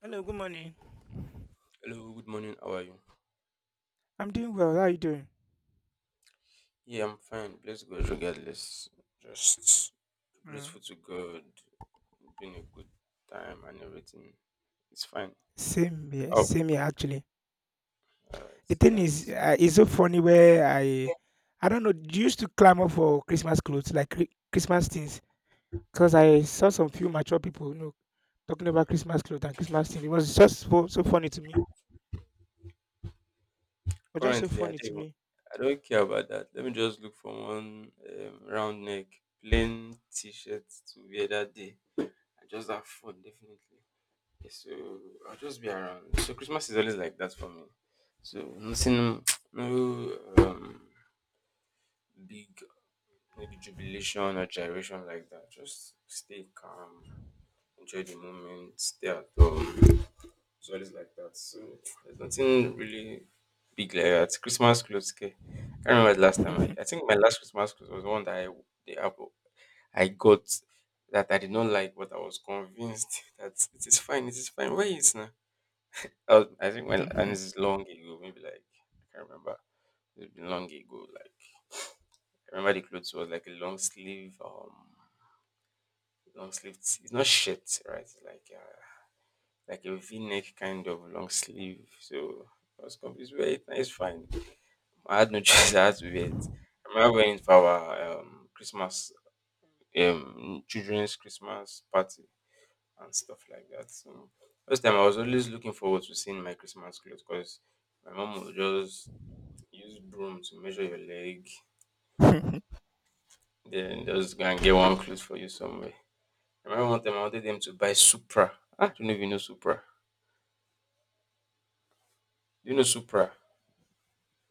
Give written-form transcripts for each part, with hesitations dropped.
Hello, good morning. I'm doing well. How are you doing? Mm. Same here actually. The thing is, it's so funny where I don't know, used to clamor for Christmas clothes, like Christmas things, because I saw some few mature people, talking about Christmas clothes and Christmas things. It was just so, so funny to me. It was just so funny to me.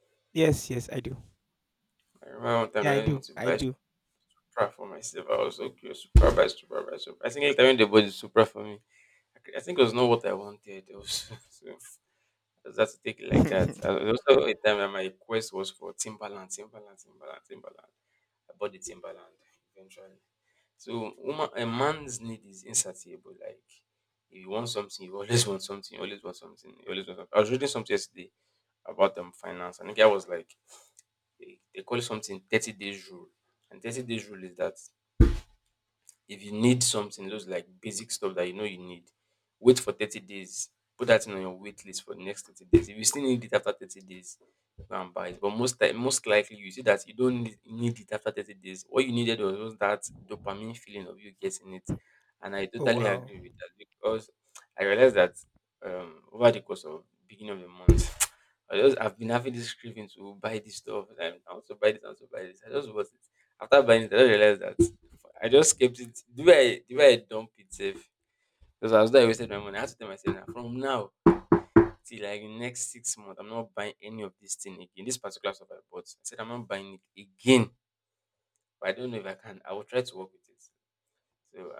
Yes, yes, I do. Yeah, I do. I do. Oh, wow,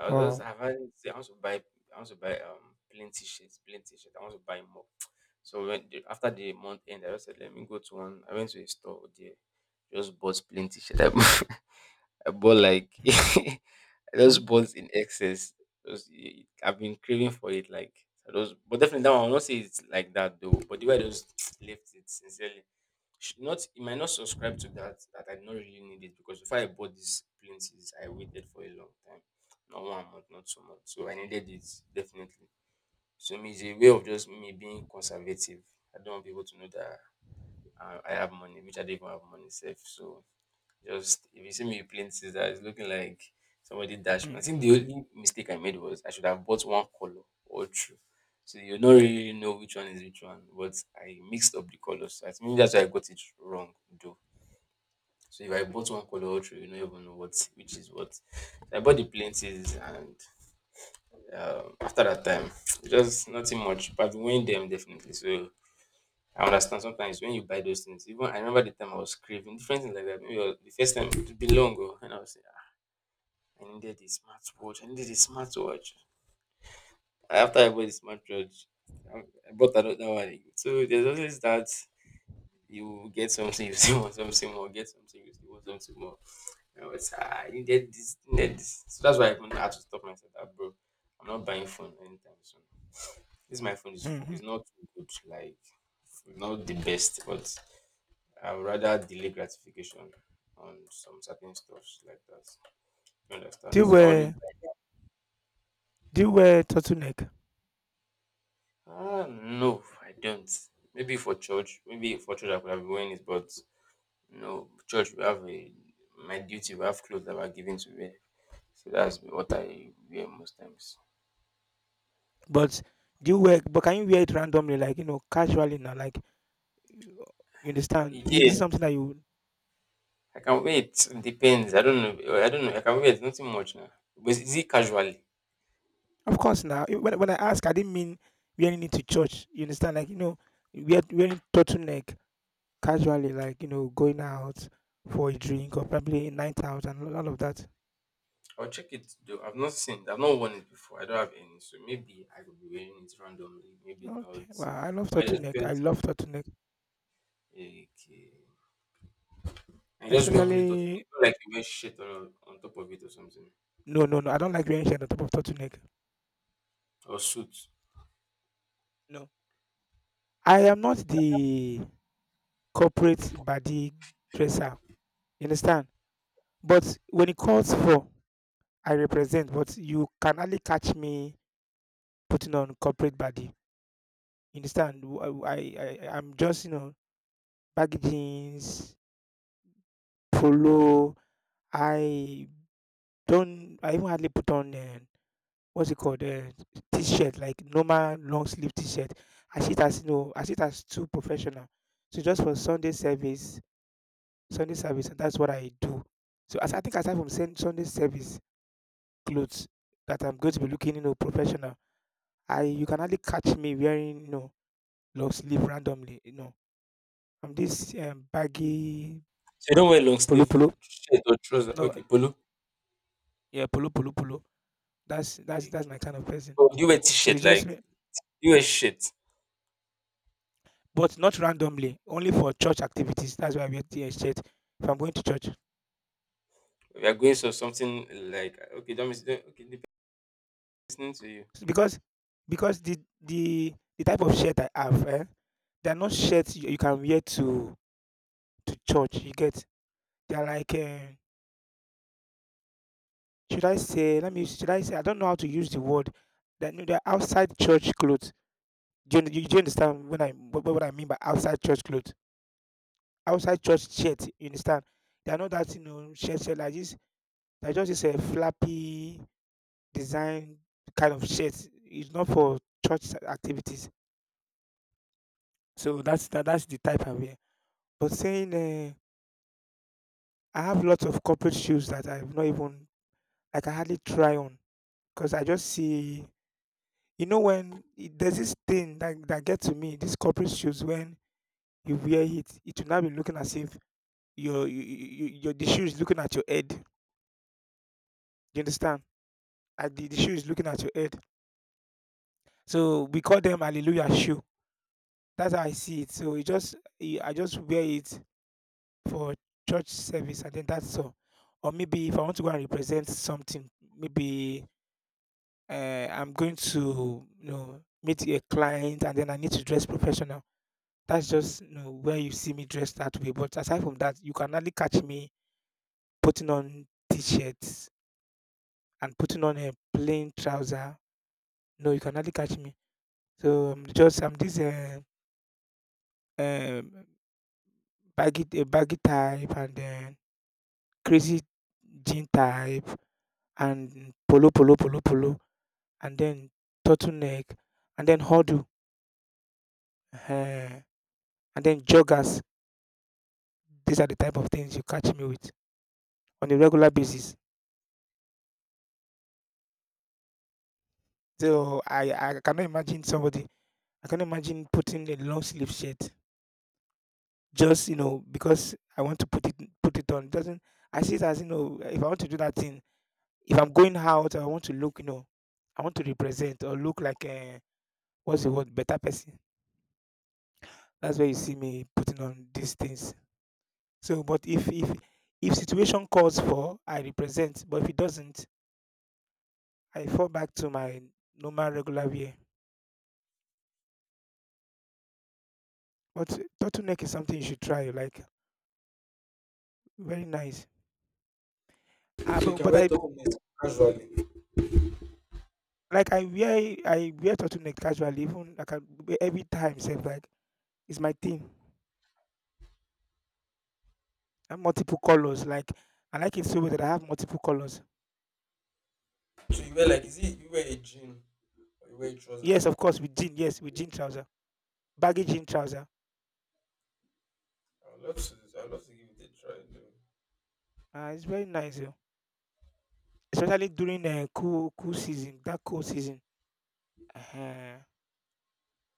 wow. Hmm, hmm, hmm, hmm, hmm. Do you wear do you wear turtleneck? But do you wear? But can you wear it randomly, like casually now? Like you understand? Is it something that you? Of course, now when I ask, I didn't mean wearing it to church. You understand? Like wearing turtleneck casually, like going out for a drink or probably a night out and all of that. Okay, wow, I love turtleneck. I love turtleneck, especially. No, no, no. I don't like wearing shirt on top of turtleneck. No, I am not the corporate body dresser. You understand? But when it calls for, I represent. But you can hardly catch me putting on corporate body. You understand? I'm just, baggy jeans, polo. I don't, I even hardly put on, what's it called? T-shirt, like normal long sleeve t-shirt. I see it as, I see it as too professional. So just for Sunday service, and that's what I do. So as I think aside from Sunday service clothes, that I'm going to be looking, professional. I You can hardly catch me wearing, long sleeve randomly, I'm this baggy polo polo. No, yeah, polo polo polo. That's my kind of person. So it's just, but not randomly. Only for church activities. That's why I wear the shirt if I'm going to church. So because the type of shirt I have, they're not shirts you can wear to church. You get they're like, should I say? Let me. Should I say? I don't know how to use the word. That are They're outside church clothes. Do you understand when I what I mean by outside church clothes? Outside church shirt, you understand? They are not that you know shirt, like this. They're just this a flappy design kind of shirt. It's not for church activities. So that's the type I wear. But saying I have lots of corporate shoes that I've not even like I hardly try on, because I just see, there's this thing that gets to me. These corporate shoes when you wear it, it will not be looking as if your you, you, you- your the shoe is looking at your head. You understand? Like the shoe is looking at your head. So we call them hallelujah shoe. That's how I see it. So it just I just wear it for church service and then that's all. Or maybe if I want to go and represent something, maybe I'm going to, meet a client and then I need to dress professional. That's just, where you see me dressed that way. But aside from that, you can only catch me putting on t-shirts and putting on a plain trouser. No, you can hardly catch me. So I'm this um baggy baggy type and then crazy jean type and polo polo polo polo and then turtleneck and then huddle, uh, and then joggers. These are the type of things you catch me with on a regular basis. So I cannot imagine somebody. I cannot imagine putting a long sleeve shirt just, because I want to put it on. Doesn't I see it as, if I want to do that thing, if I'm going out, I want to look, I want to represent or look like a what's the word, better person. That's where you see me putting on these things. So, but if situation calls for, I represent. But if it doesn't, I fall back to my normal regular wear. But turtleneck is something you should try. Like very nice. Ah, but I like I wear turtleneck casually. Even like I wear every time, say like it's my thing. I have multiple colors. Like I like it so much that I have multiple colors. Yes, of course, with jean. Yes, with jean trouser, baggy jean trouser. It's very nice, oh. Especially during cool cool season, that cold season. uh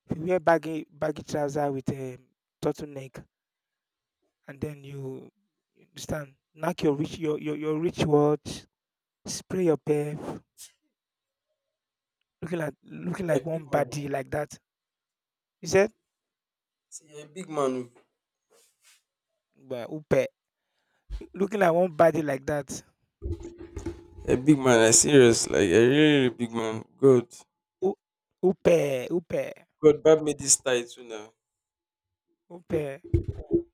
If you wear baggy baggy trouser with a turtleneck, and then you understand, knock your your rich watch, spray your perf, looking like one body like that. You said, but upe, looking like one body like that. U- Upe, upe, upe.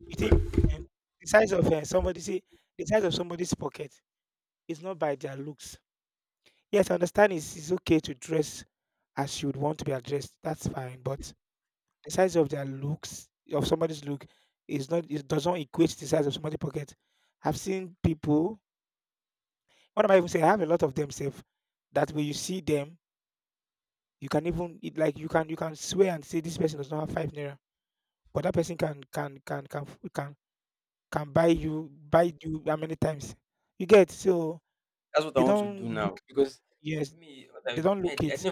You think, um, the size of, somebody see the size of somebody's pocket is not by their looks. Yes, I understand, it's okay to dress as you would want to be addressed. That's fine. But the size of their looks of somebody's look is not it doesn't equate to the size of somebody's pocket. I've seen people what am I even saying? I have a lot of them safe that when you see them, you can even it, like you can swear and say this person does not have ₦5. But that person can can buy you how many times. You get? So they don't look yes, they don't look it.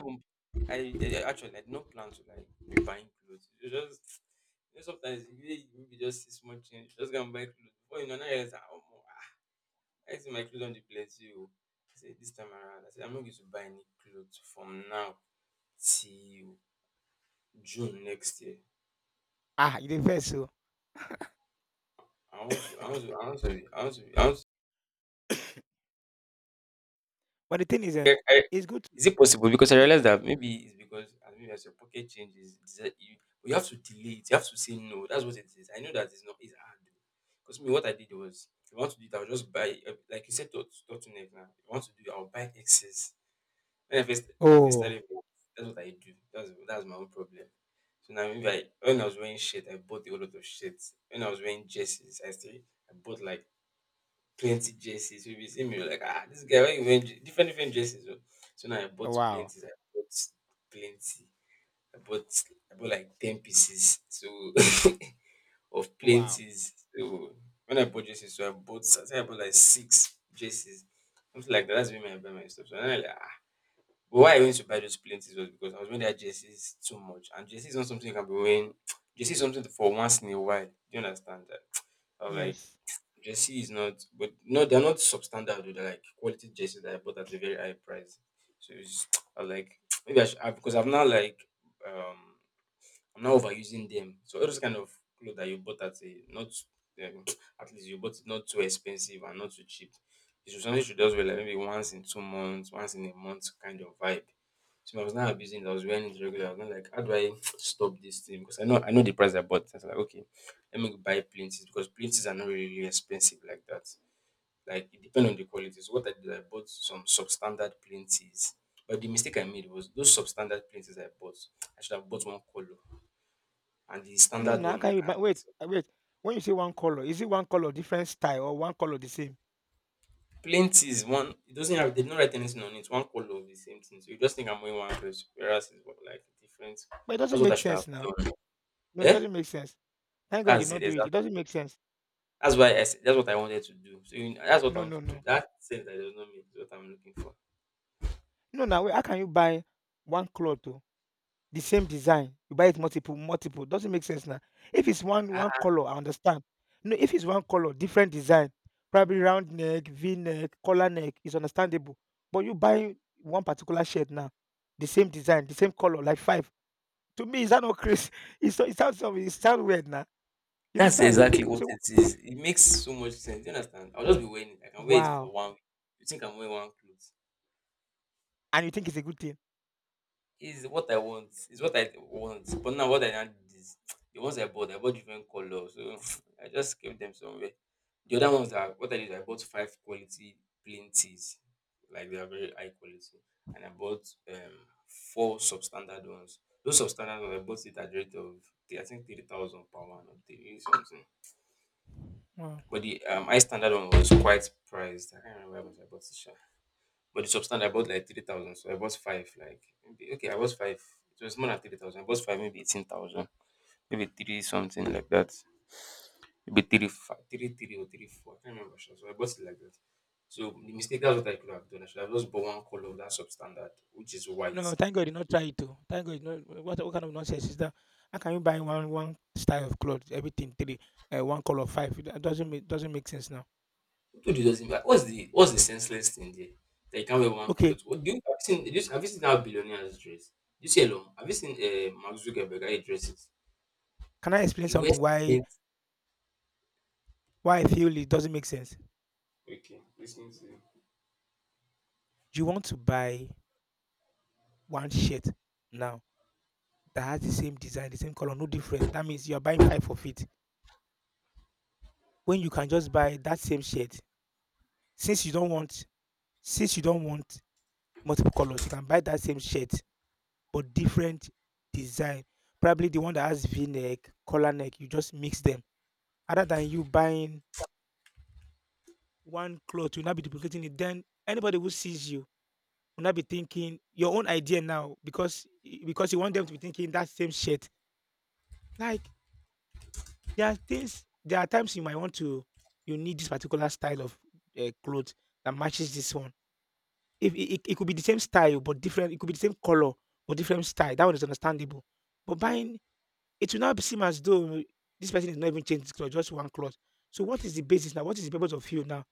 Ah, they dey vex oo. But the thing is it's good to. I Oh, wow, wow. Yes. No, now can you buy wait, wait. When you say one color, is it one color different style or one color the same? But it doesn't make sense now. No, it doesn't make sense. Thank God he did not do it. It doesn't make sense. No, no, no. No, now wait, how can you buy one cloth to the same design? You buy it multiple, multiple. Doesn't make sense now. If it's one color, I understand. No, if it's one color, different design, probably round neck, V neck, collar neck, is understandable. But you buy one particular shirt now, the same design, the same color, like five. To me, is that not crazy? It's so- it sounds weird now. You understand? So wow, and you think it's a good thing? Wow. No, thank God he not try to. Thank God he not what kind of nonsense is that? How can you buy one style of clothes, everything three, one color five? It doesn't make sense now. Okay, can I explain something why I feel it doesn't make sense? You want to buy one shirt now that has the same design, the same color, no difference. That means you are buying five of it when you can just buy that same shirt. Since you don't want since you don't want multiple colors, you can buy that same shirt but different design. Probably the one that has V neck, collar neck, you just mix them. Other than you buying one cloth, you'll not be duplicating it. Then anybody who sees you will not be thinking your own idea now because you want them to be thinking that same shirt. Like there are times you might want to, you need this particular style of clothes that matches this one. If it could be the same style but different, it could be the same color but different style. That one is understandable. But buying it will now seem as though this person is not even changing his cloth, just one cloth. So what is the basis now? What is the purpose of you now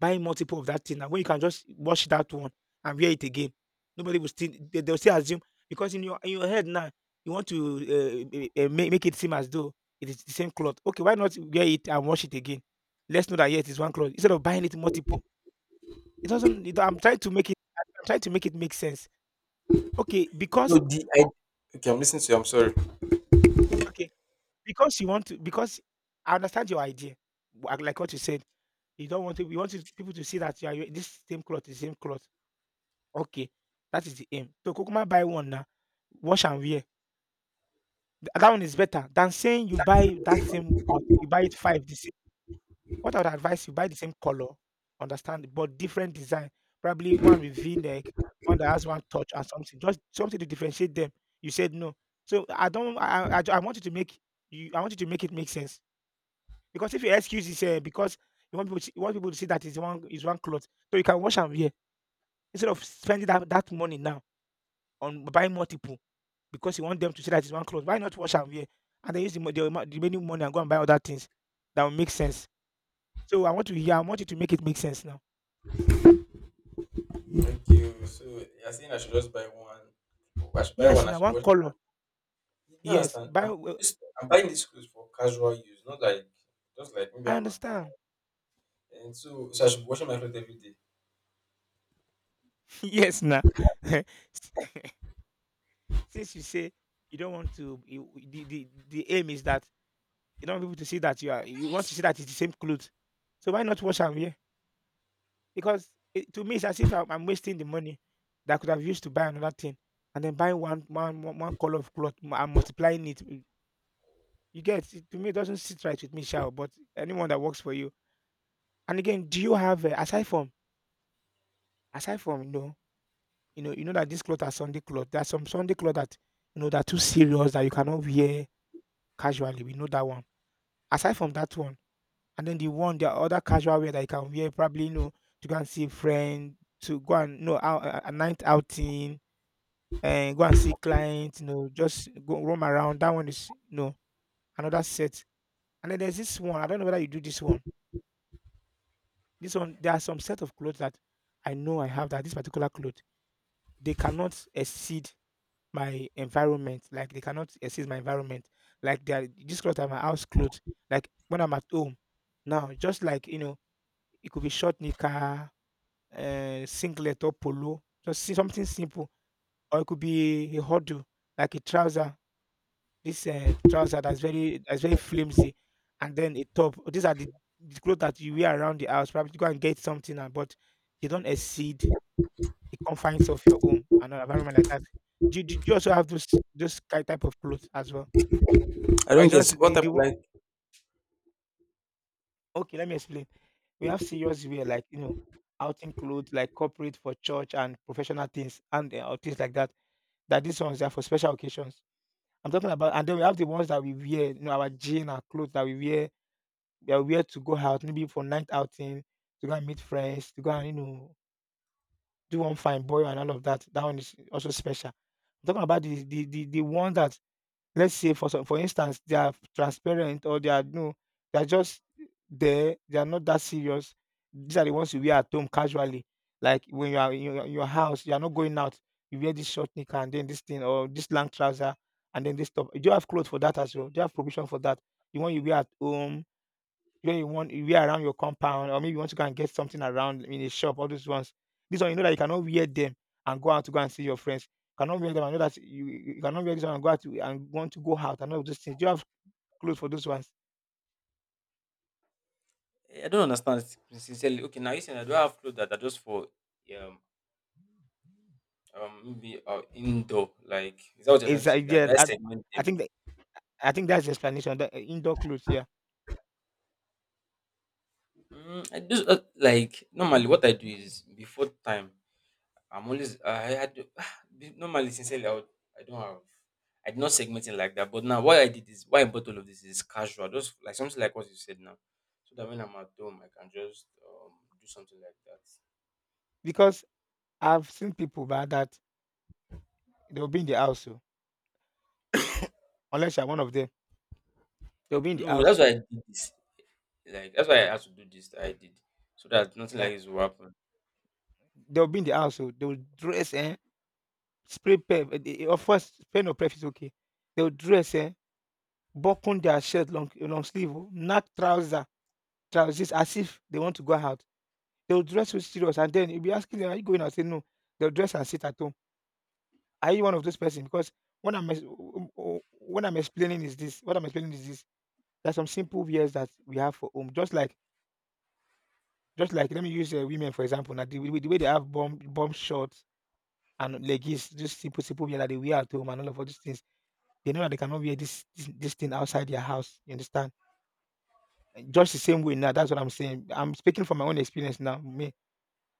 buying multiple of that thing now when you can just wash that one and wear it again? Nobody will still they'll still assume because in your head now you want to make it seem as though it is the same cloth. Okay, why not wear it and wash it again? Let's know that yes, it's one cloth instead of buying it multiple. It doesn't. I'm trying to make it. Make sense. Okay, because okay because you want to because I understand your idea. Like what you said, You don't want to you want to people to see that you are you this same cloth is same cloth. Okay, that is the aim. So kukuma buy one now, wash and wear. That one is better than saying you buy that same cloth. You buy it five. The same. What I would advise you buy the same color, understand, but different design. Probably one with V neck, one that has one touch or something. Just something to differentiate them. You said no, so I don't. I want you to make you. I want you to make it make sense because if your excuse is because you want people to, you want people to see that is one cloth, so you can wash and wear. Instead of spending that money now on buying multiple because you want them to see that it's one cloth, why not wash and wear? And then use the, the the remaining money and go and buy other things that will make sense. So I want to hear, I want you to make it make sense now. Thank you. So you're saying I should just buy one. Yes, I now should one watch it. color. You Yes, understand? buy. I'm Well, this. I'm buying these clothes for casual use, not like just like maybe I I'm at home. understand. So I should be washing my clothes every day. Yes, now. Since you say you don't want to, you, the aim is that you don't want people to see that you are. You want to see that it's the same clothes. So why not wash and wear? Because it, to me, it's as if I'm wasting the money that I could have used to buy another thing, and then buying one color of cloth and multiplying it. You get it, to me, it doesn't sit right with me, Shao. But anyone that works for you. And again, do you have aside from you know you know you know that this cloth are Sunday cloth. There's some Sunday cloth that you know that are too serious that you cannot wear casually. We know that one. Aside from that one, and then the one the other casual wear that you can wear probably you know to go and see a friend to go and you know out, a night outing and go and see clients, you know, just go roam around. That one is you know another set. And then there's this one. I don't know whether you do this one. This one, there are some set of clothes that I know I have that this particular clothes they cannot exceed my environment. Like they cannot exceed my environment. Like they are this clothes are my house clothes. Like when I'm at home now, just like you know, it could be short knicker, singlet or polo, just something simple, or it could be a huddle, like a trouser this trouser that's very flimsy, and then a top. These are the clothes that you wear around the house. Probably go and get something, and but they don't exceed the confines of your home and an environment like that. Do, you also have those those type of clothes as well? I I don't get just what type of like. okay. Let me explain. We have serious wear like you know outing clothes like corporate for church and professional things and things like that. That these ones are for special occasions. I'm talking about, and then we have the ones that we wear, you know, our jean, our clothes that we wear they are where to go out, maybe for night outing, to go and meet friends, to go and you know do one fine boy and all of that. That one is also special. I'm talking about the one that let's say for some, for instance they are transparent or they are no, they are just there. They are not that serious. These are the ones you wear at home casually, like when you are in your house, you are not going out. You wear this short knicker and then this thing or this long trouser and then this top. Do you have clothes for that as well? Do you have provision for that? The one you wear at home, you know you want you wear around your compound, or maybe you want to go and get something around in a shop, all those ones. This one you know that you cannot wear them and go out to go and see your friends. You cannot wear them and know that you cannot wear this one and go out to, and want to go out and all those things. Do you have clothes for those ones? Is I yeah, I think that, I think that's the explanation. The indoor clothes, yeah. Because I've seen people by that they'll be in the house, so unless you're one of them, they'll be in the house. Yeah. They'll be in the house, so they'll dress and spray pep. Of course, spray no prep is okay. They'll dress button their shirt, long long sleeve, oh, not trouser, trousers as if they want to go out. They'll dress so serious and then you'll be asking them, are you going out? Say no. They'll dress and sit at home. Are you one of those person? Because when I'm explaining is this, what I'm explaining is this. There's some simple wears that we have for home. Just like let me use women for example. Now the way they have bomb bomb shorts and leggings, just simple simple wear that they wear at home and all of all these things. They know that they cannot wear this thing outside their house. You understand? Just the same way now, that's what I'm saying. I'm speaking from my own experience now. Me,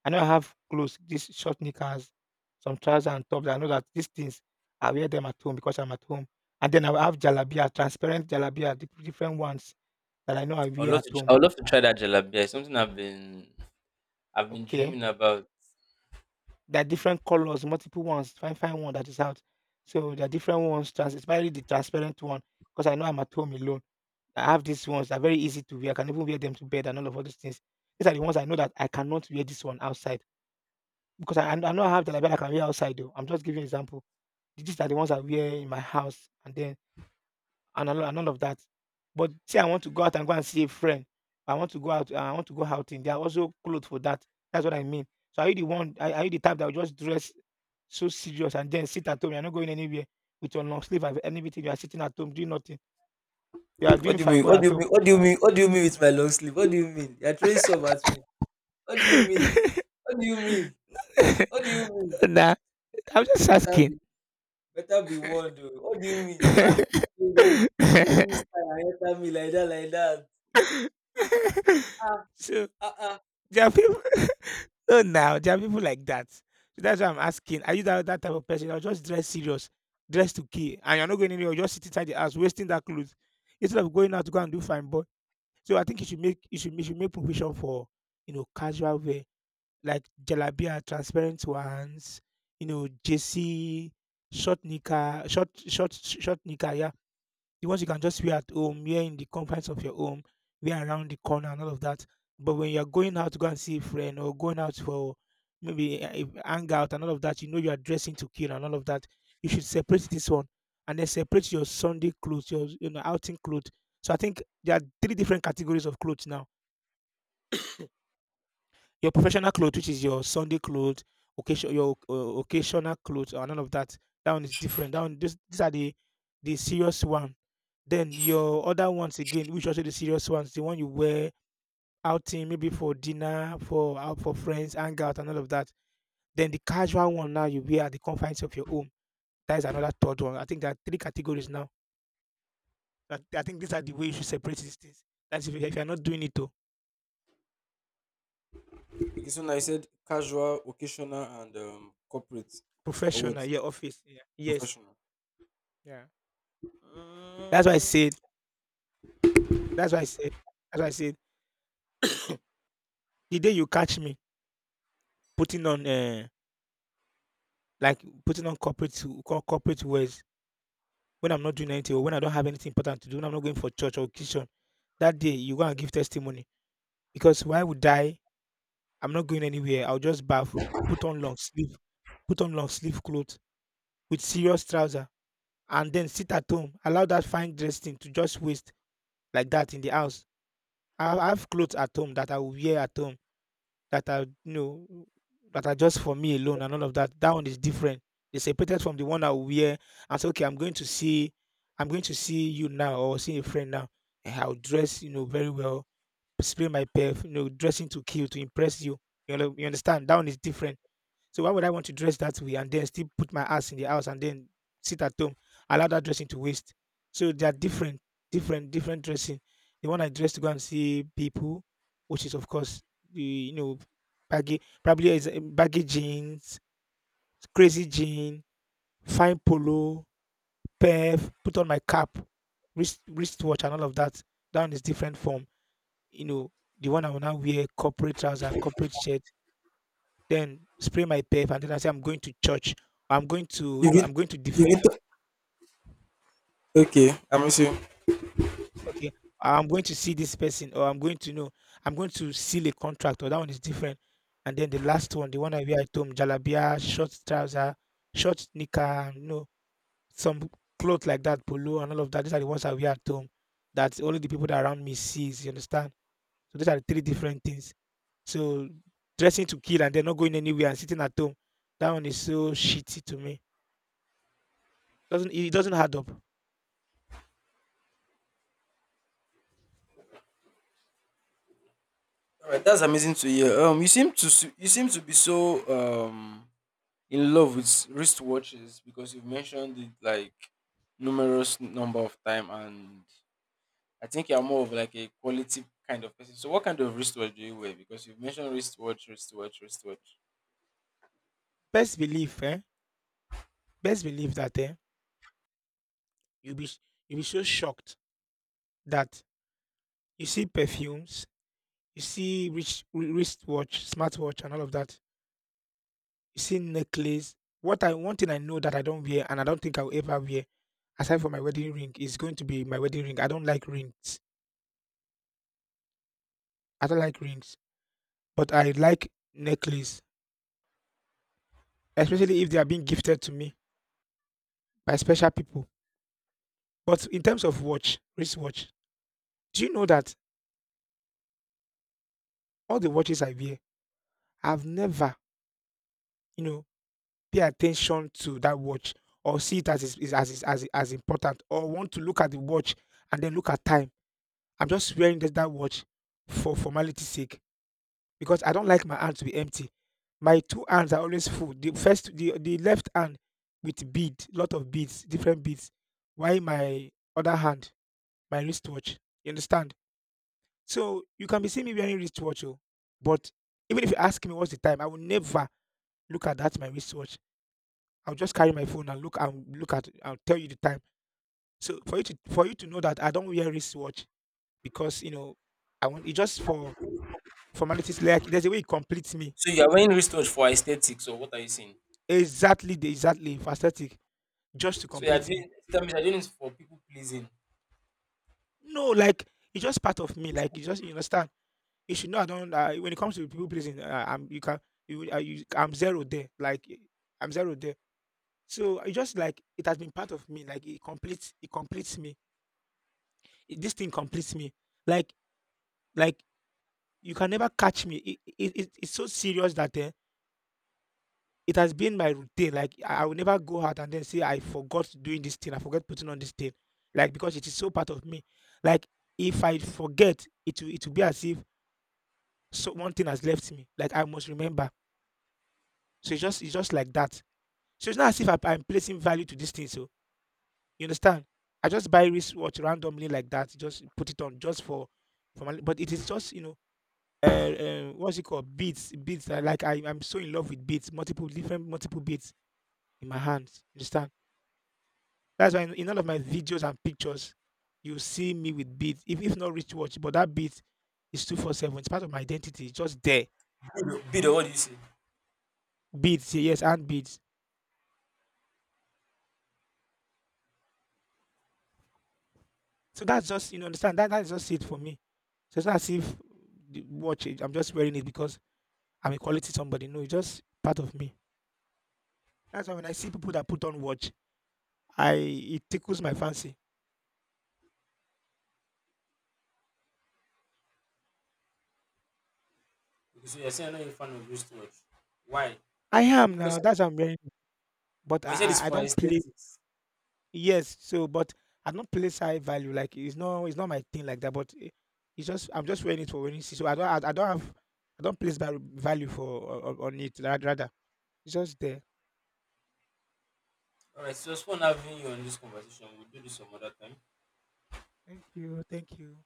I know I have clothes, these short knickers, some trousers and tops. I know that these things I wear them at home because I'm at home. And then I will have jalabia, transparent jalabia, the different ones that I know I wear at home. Okay. There are different colors, multiple ones. Find one that is out. So there are different ones, trans especially the transparent one, because I know I'm at home alone. I have these ones that are very easy to wear. I can even wear them to bed and all of all those things. These are the ones I know that I cannot wear this one outside. Because I know I have the that I can wear outside though. I'm just giving example. These are the ones I wear in my house and then and all of that. But say I want to go out and go and see a friend. I want to go out. I want to go outing. There are also clothes for that. That's what I mean. So are you the one? Are you the type that will just dress so serious and then sit at home? You're not going anywhere with your long sleeve and everything. You are sitting at home doing nothing. You are What doing do you fine mean? boy at home. What do you mean with my long sleeve? What do you mean? You're throwing some at me. What do you mean? What do you mean? What do you mean? Nah, I'm just Better asking. be warned. Oh. What do you mean? How? You just, how do you style and enter me like that, like that? Ah, So ah, ah. there are people no now, there are people like that. So that's why I'm asking, are you that type of person that will just dress serious, dress to kill, and you're not going anywhere, you'll just sit inside the house wasting that clothes instead of going out to go and do fine boy. So I think you should make you should make provision for you know casual wear like jalabia, transparent ones, you know, JC, short knicker, short knicker, yeah the ones you can just wear at home, wear in the confines of your home, wear around the corner and all of that. But when you're going out to go and see a friend or going out for maybe a hangout and all of that, you know you are dressing to kill and all of that. You should separate this one and then separate your Sunday clothes, your you know outing clothes. So I think there are three different categories of clothes now your professional clothes, which is your Sunday clothes, occasion your occasional clothes, and none of that. That one is different. These are the serious one. Then your other ones again, which also the serious ones, the one you wear outing, maybe for dinner, for out for friends, hangout, and all of that. Then the casual one now you wear at the confines of your home. That is another third one. I think there are three categories now. I think these are the way you should separate these things. That's if, you- if you're not doing it to You said casual, corporate. professional, your office. Yeah. Yes. Professional. Yeah. That's why I Mm. said That's why I said that's why I said the day you catch me putting on, like putting on corporate wears when I'm not doing anything or when I don't have anything important to do, when I'm not going for church or kitchen, that day you go and give testimony because why would I? I'm not going anywhere. I'll just bath, put on long sleeve put on long sleeve clothes with serious trouser and then sit at home. Allow that fine dress thing to just waste like that in the house. I have clothes at home that I will wear at home, that are you know that are just for me alone and all of that. That one is different. It's separated from the one I will wear and say, okay, I'm going to see you now or see a friend now. And I'll dress, you know, very well, spray my perf, you know, dressing to kill to impress you. You know, you understand? That one is different, so why would I want to dress that way and then still put my ass in the house and then sit at home, allow that dressing to waste? So they are different, different, different dressing. The one I dress to go and see people, which is of course the baggy, probably is baggy jeans, crazy jean, fine polo, perf, put on my cap, wristwatch and all of that. That one is different from you know the one I will now wear corporate trouser, corporate shirt, then spray my pep and then I say I'm going to church. You get, I'm going to you defend. get okay, I'm with you. Okay, I'm going to see this person, or I'm going to seal a contract, or that one is different. And then the last one, the one I wear at home, jalabia, short trouser, short knicker, you know, some clothes like that, polo, and all of that. These are the ones I wear at home that only the people that around me sees. You understand? So these are the three different things. So dressing to kill and then not going anywhere and sitting at home, that one is so shitty to me. Doesn't it doesn't add up. All right, that's amazing to hear. You seem to Best believe, eh? Best believe that, you'll be sh- you'll be so shocked that you see perfumes, you see wristwatch, smartwatch, and all of that. You see necklace. What I One thing I know that I don't wear and I don't think I'll ever wear, aside from my wedding ring, is going to be my wedding ring. I don't like rings. I don't like rings, but I like necklace, especially if they are being gifted to me by special people. But in terms of watch, wristwatch, do you know that all the watches I wear, I've never, you know, pay attention to that watch or see it as is, as important or want to look at the watch and then look at time. I'm just wearing just that watch for formality's sake because I don't like my hand to be empty. My two hands are always full. The the left hand with bead, lot of beads, different beads. Why my other hand, my wristwatch. You understand? So you can be seeing me wearing wristwatch, oh, but even if you ask me what's the time, I will never look at that my wristwatch. I'll just carry my phone and look at, I'll tell you the time. So for you to know that I don't wear wristwatch because, I want it just for formalities, like there's a way it completes me. Exactly for aesthetic, just to complete me. No, like it's just part of me. Like you just, you understand. You should know I don't, when it comes to people pleasing, I'm you can you, you I'm zero there. Like I'm zero there. So it just like it has been part of me. Like it completes me. This thing completes me. Like like you can never catch me. It's so serious that, it has been my routine. Like I will never go out and then say I forgot doing this thing. I forgot putting on this thing. Like because it is so part of me. Like if I forget, it will be as if so one thing has left me. Like I must remember. So it's just like that. So it's not as if I'm placing value to this thing. So you understand? I just buy wristwatch randomly like that. Just put it on just for my. But it is just, you know. What's it called? Beats. I like. I'm so in love with beats. Multiple different, multiple beats in my hands. You understand? That's why in all of my videos and pictures, you see me with beats. If not wristwatch, but that beat is 24/7. It's part of my identity. It's just there. Bido, what do you say? Beats, yeah, yes, and beats. So that's just, you know, understand. That's just it for me. So it's not as if the watch. I'm just wearing it because I'm a quality somebody. No, it's just part of me. That's why when I see people that put on watch, I it tickles my fancy. Okay, so you're saying I'm not a fan of wristwatch. Why? Is I it am because, now. That's why I'm wearing. But but I you said it's I I for don't play. aesthetics. Yes, so but I don't place high value, like, it's not my thing like that, but I it's just I'm just wearing it for wearing it, so I don't have, I don't place value for o on it ra rather. It's just there. Thank you, thank you.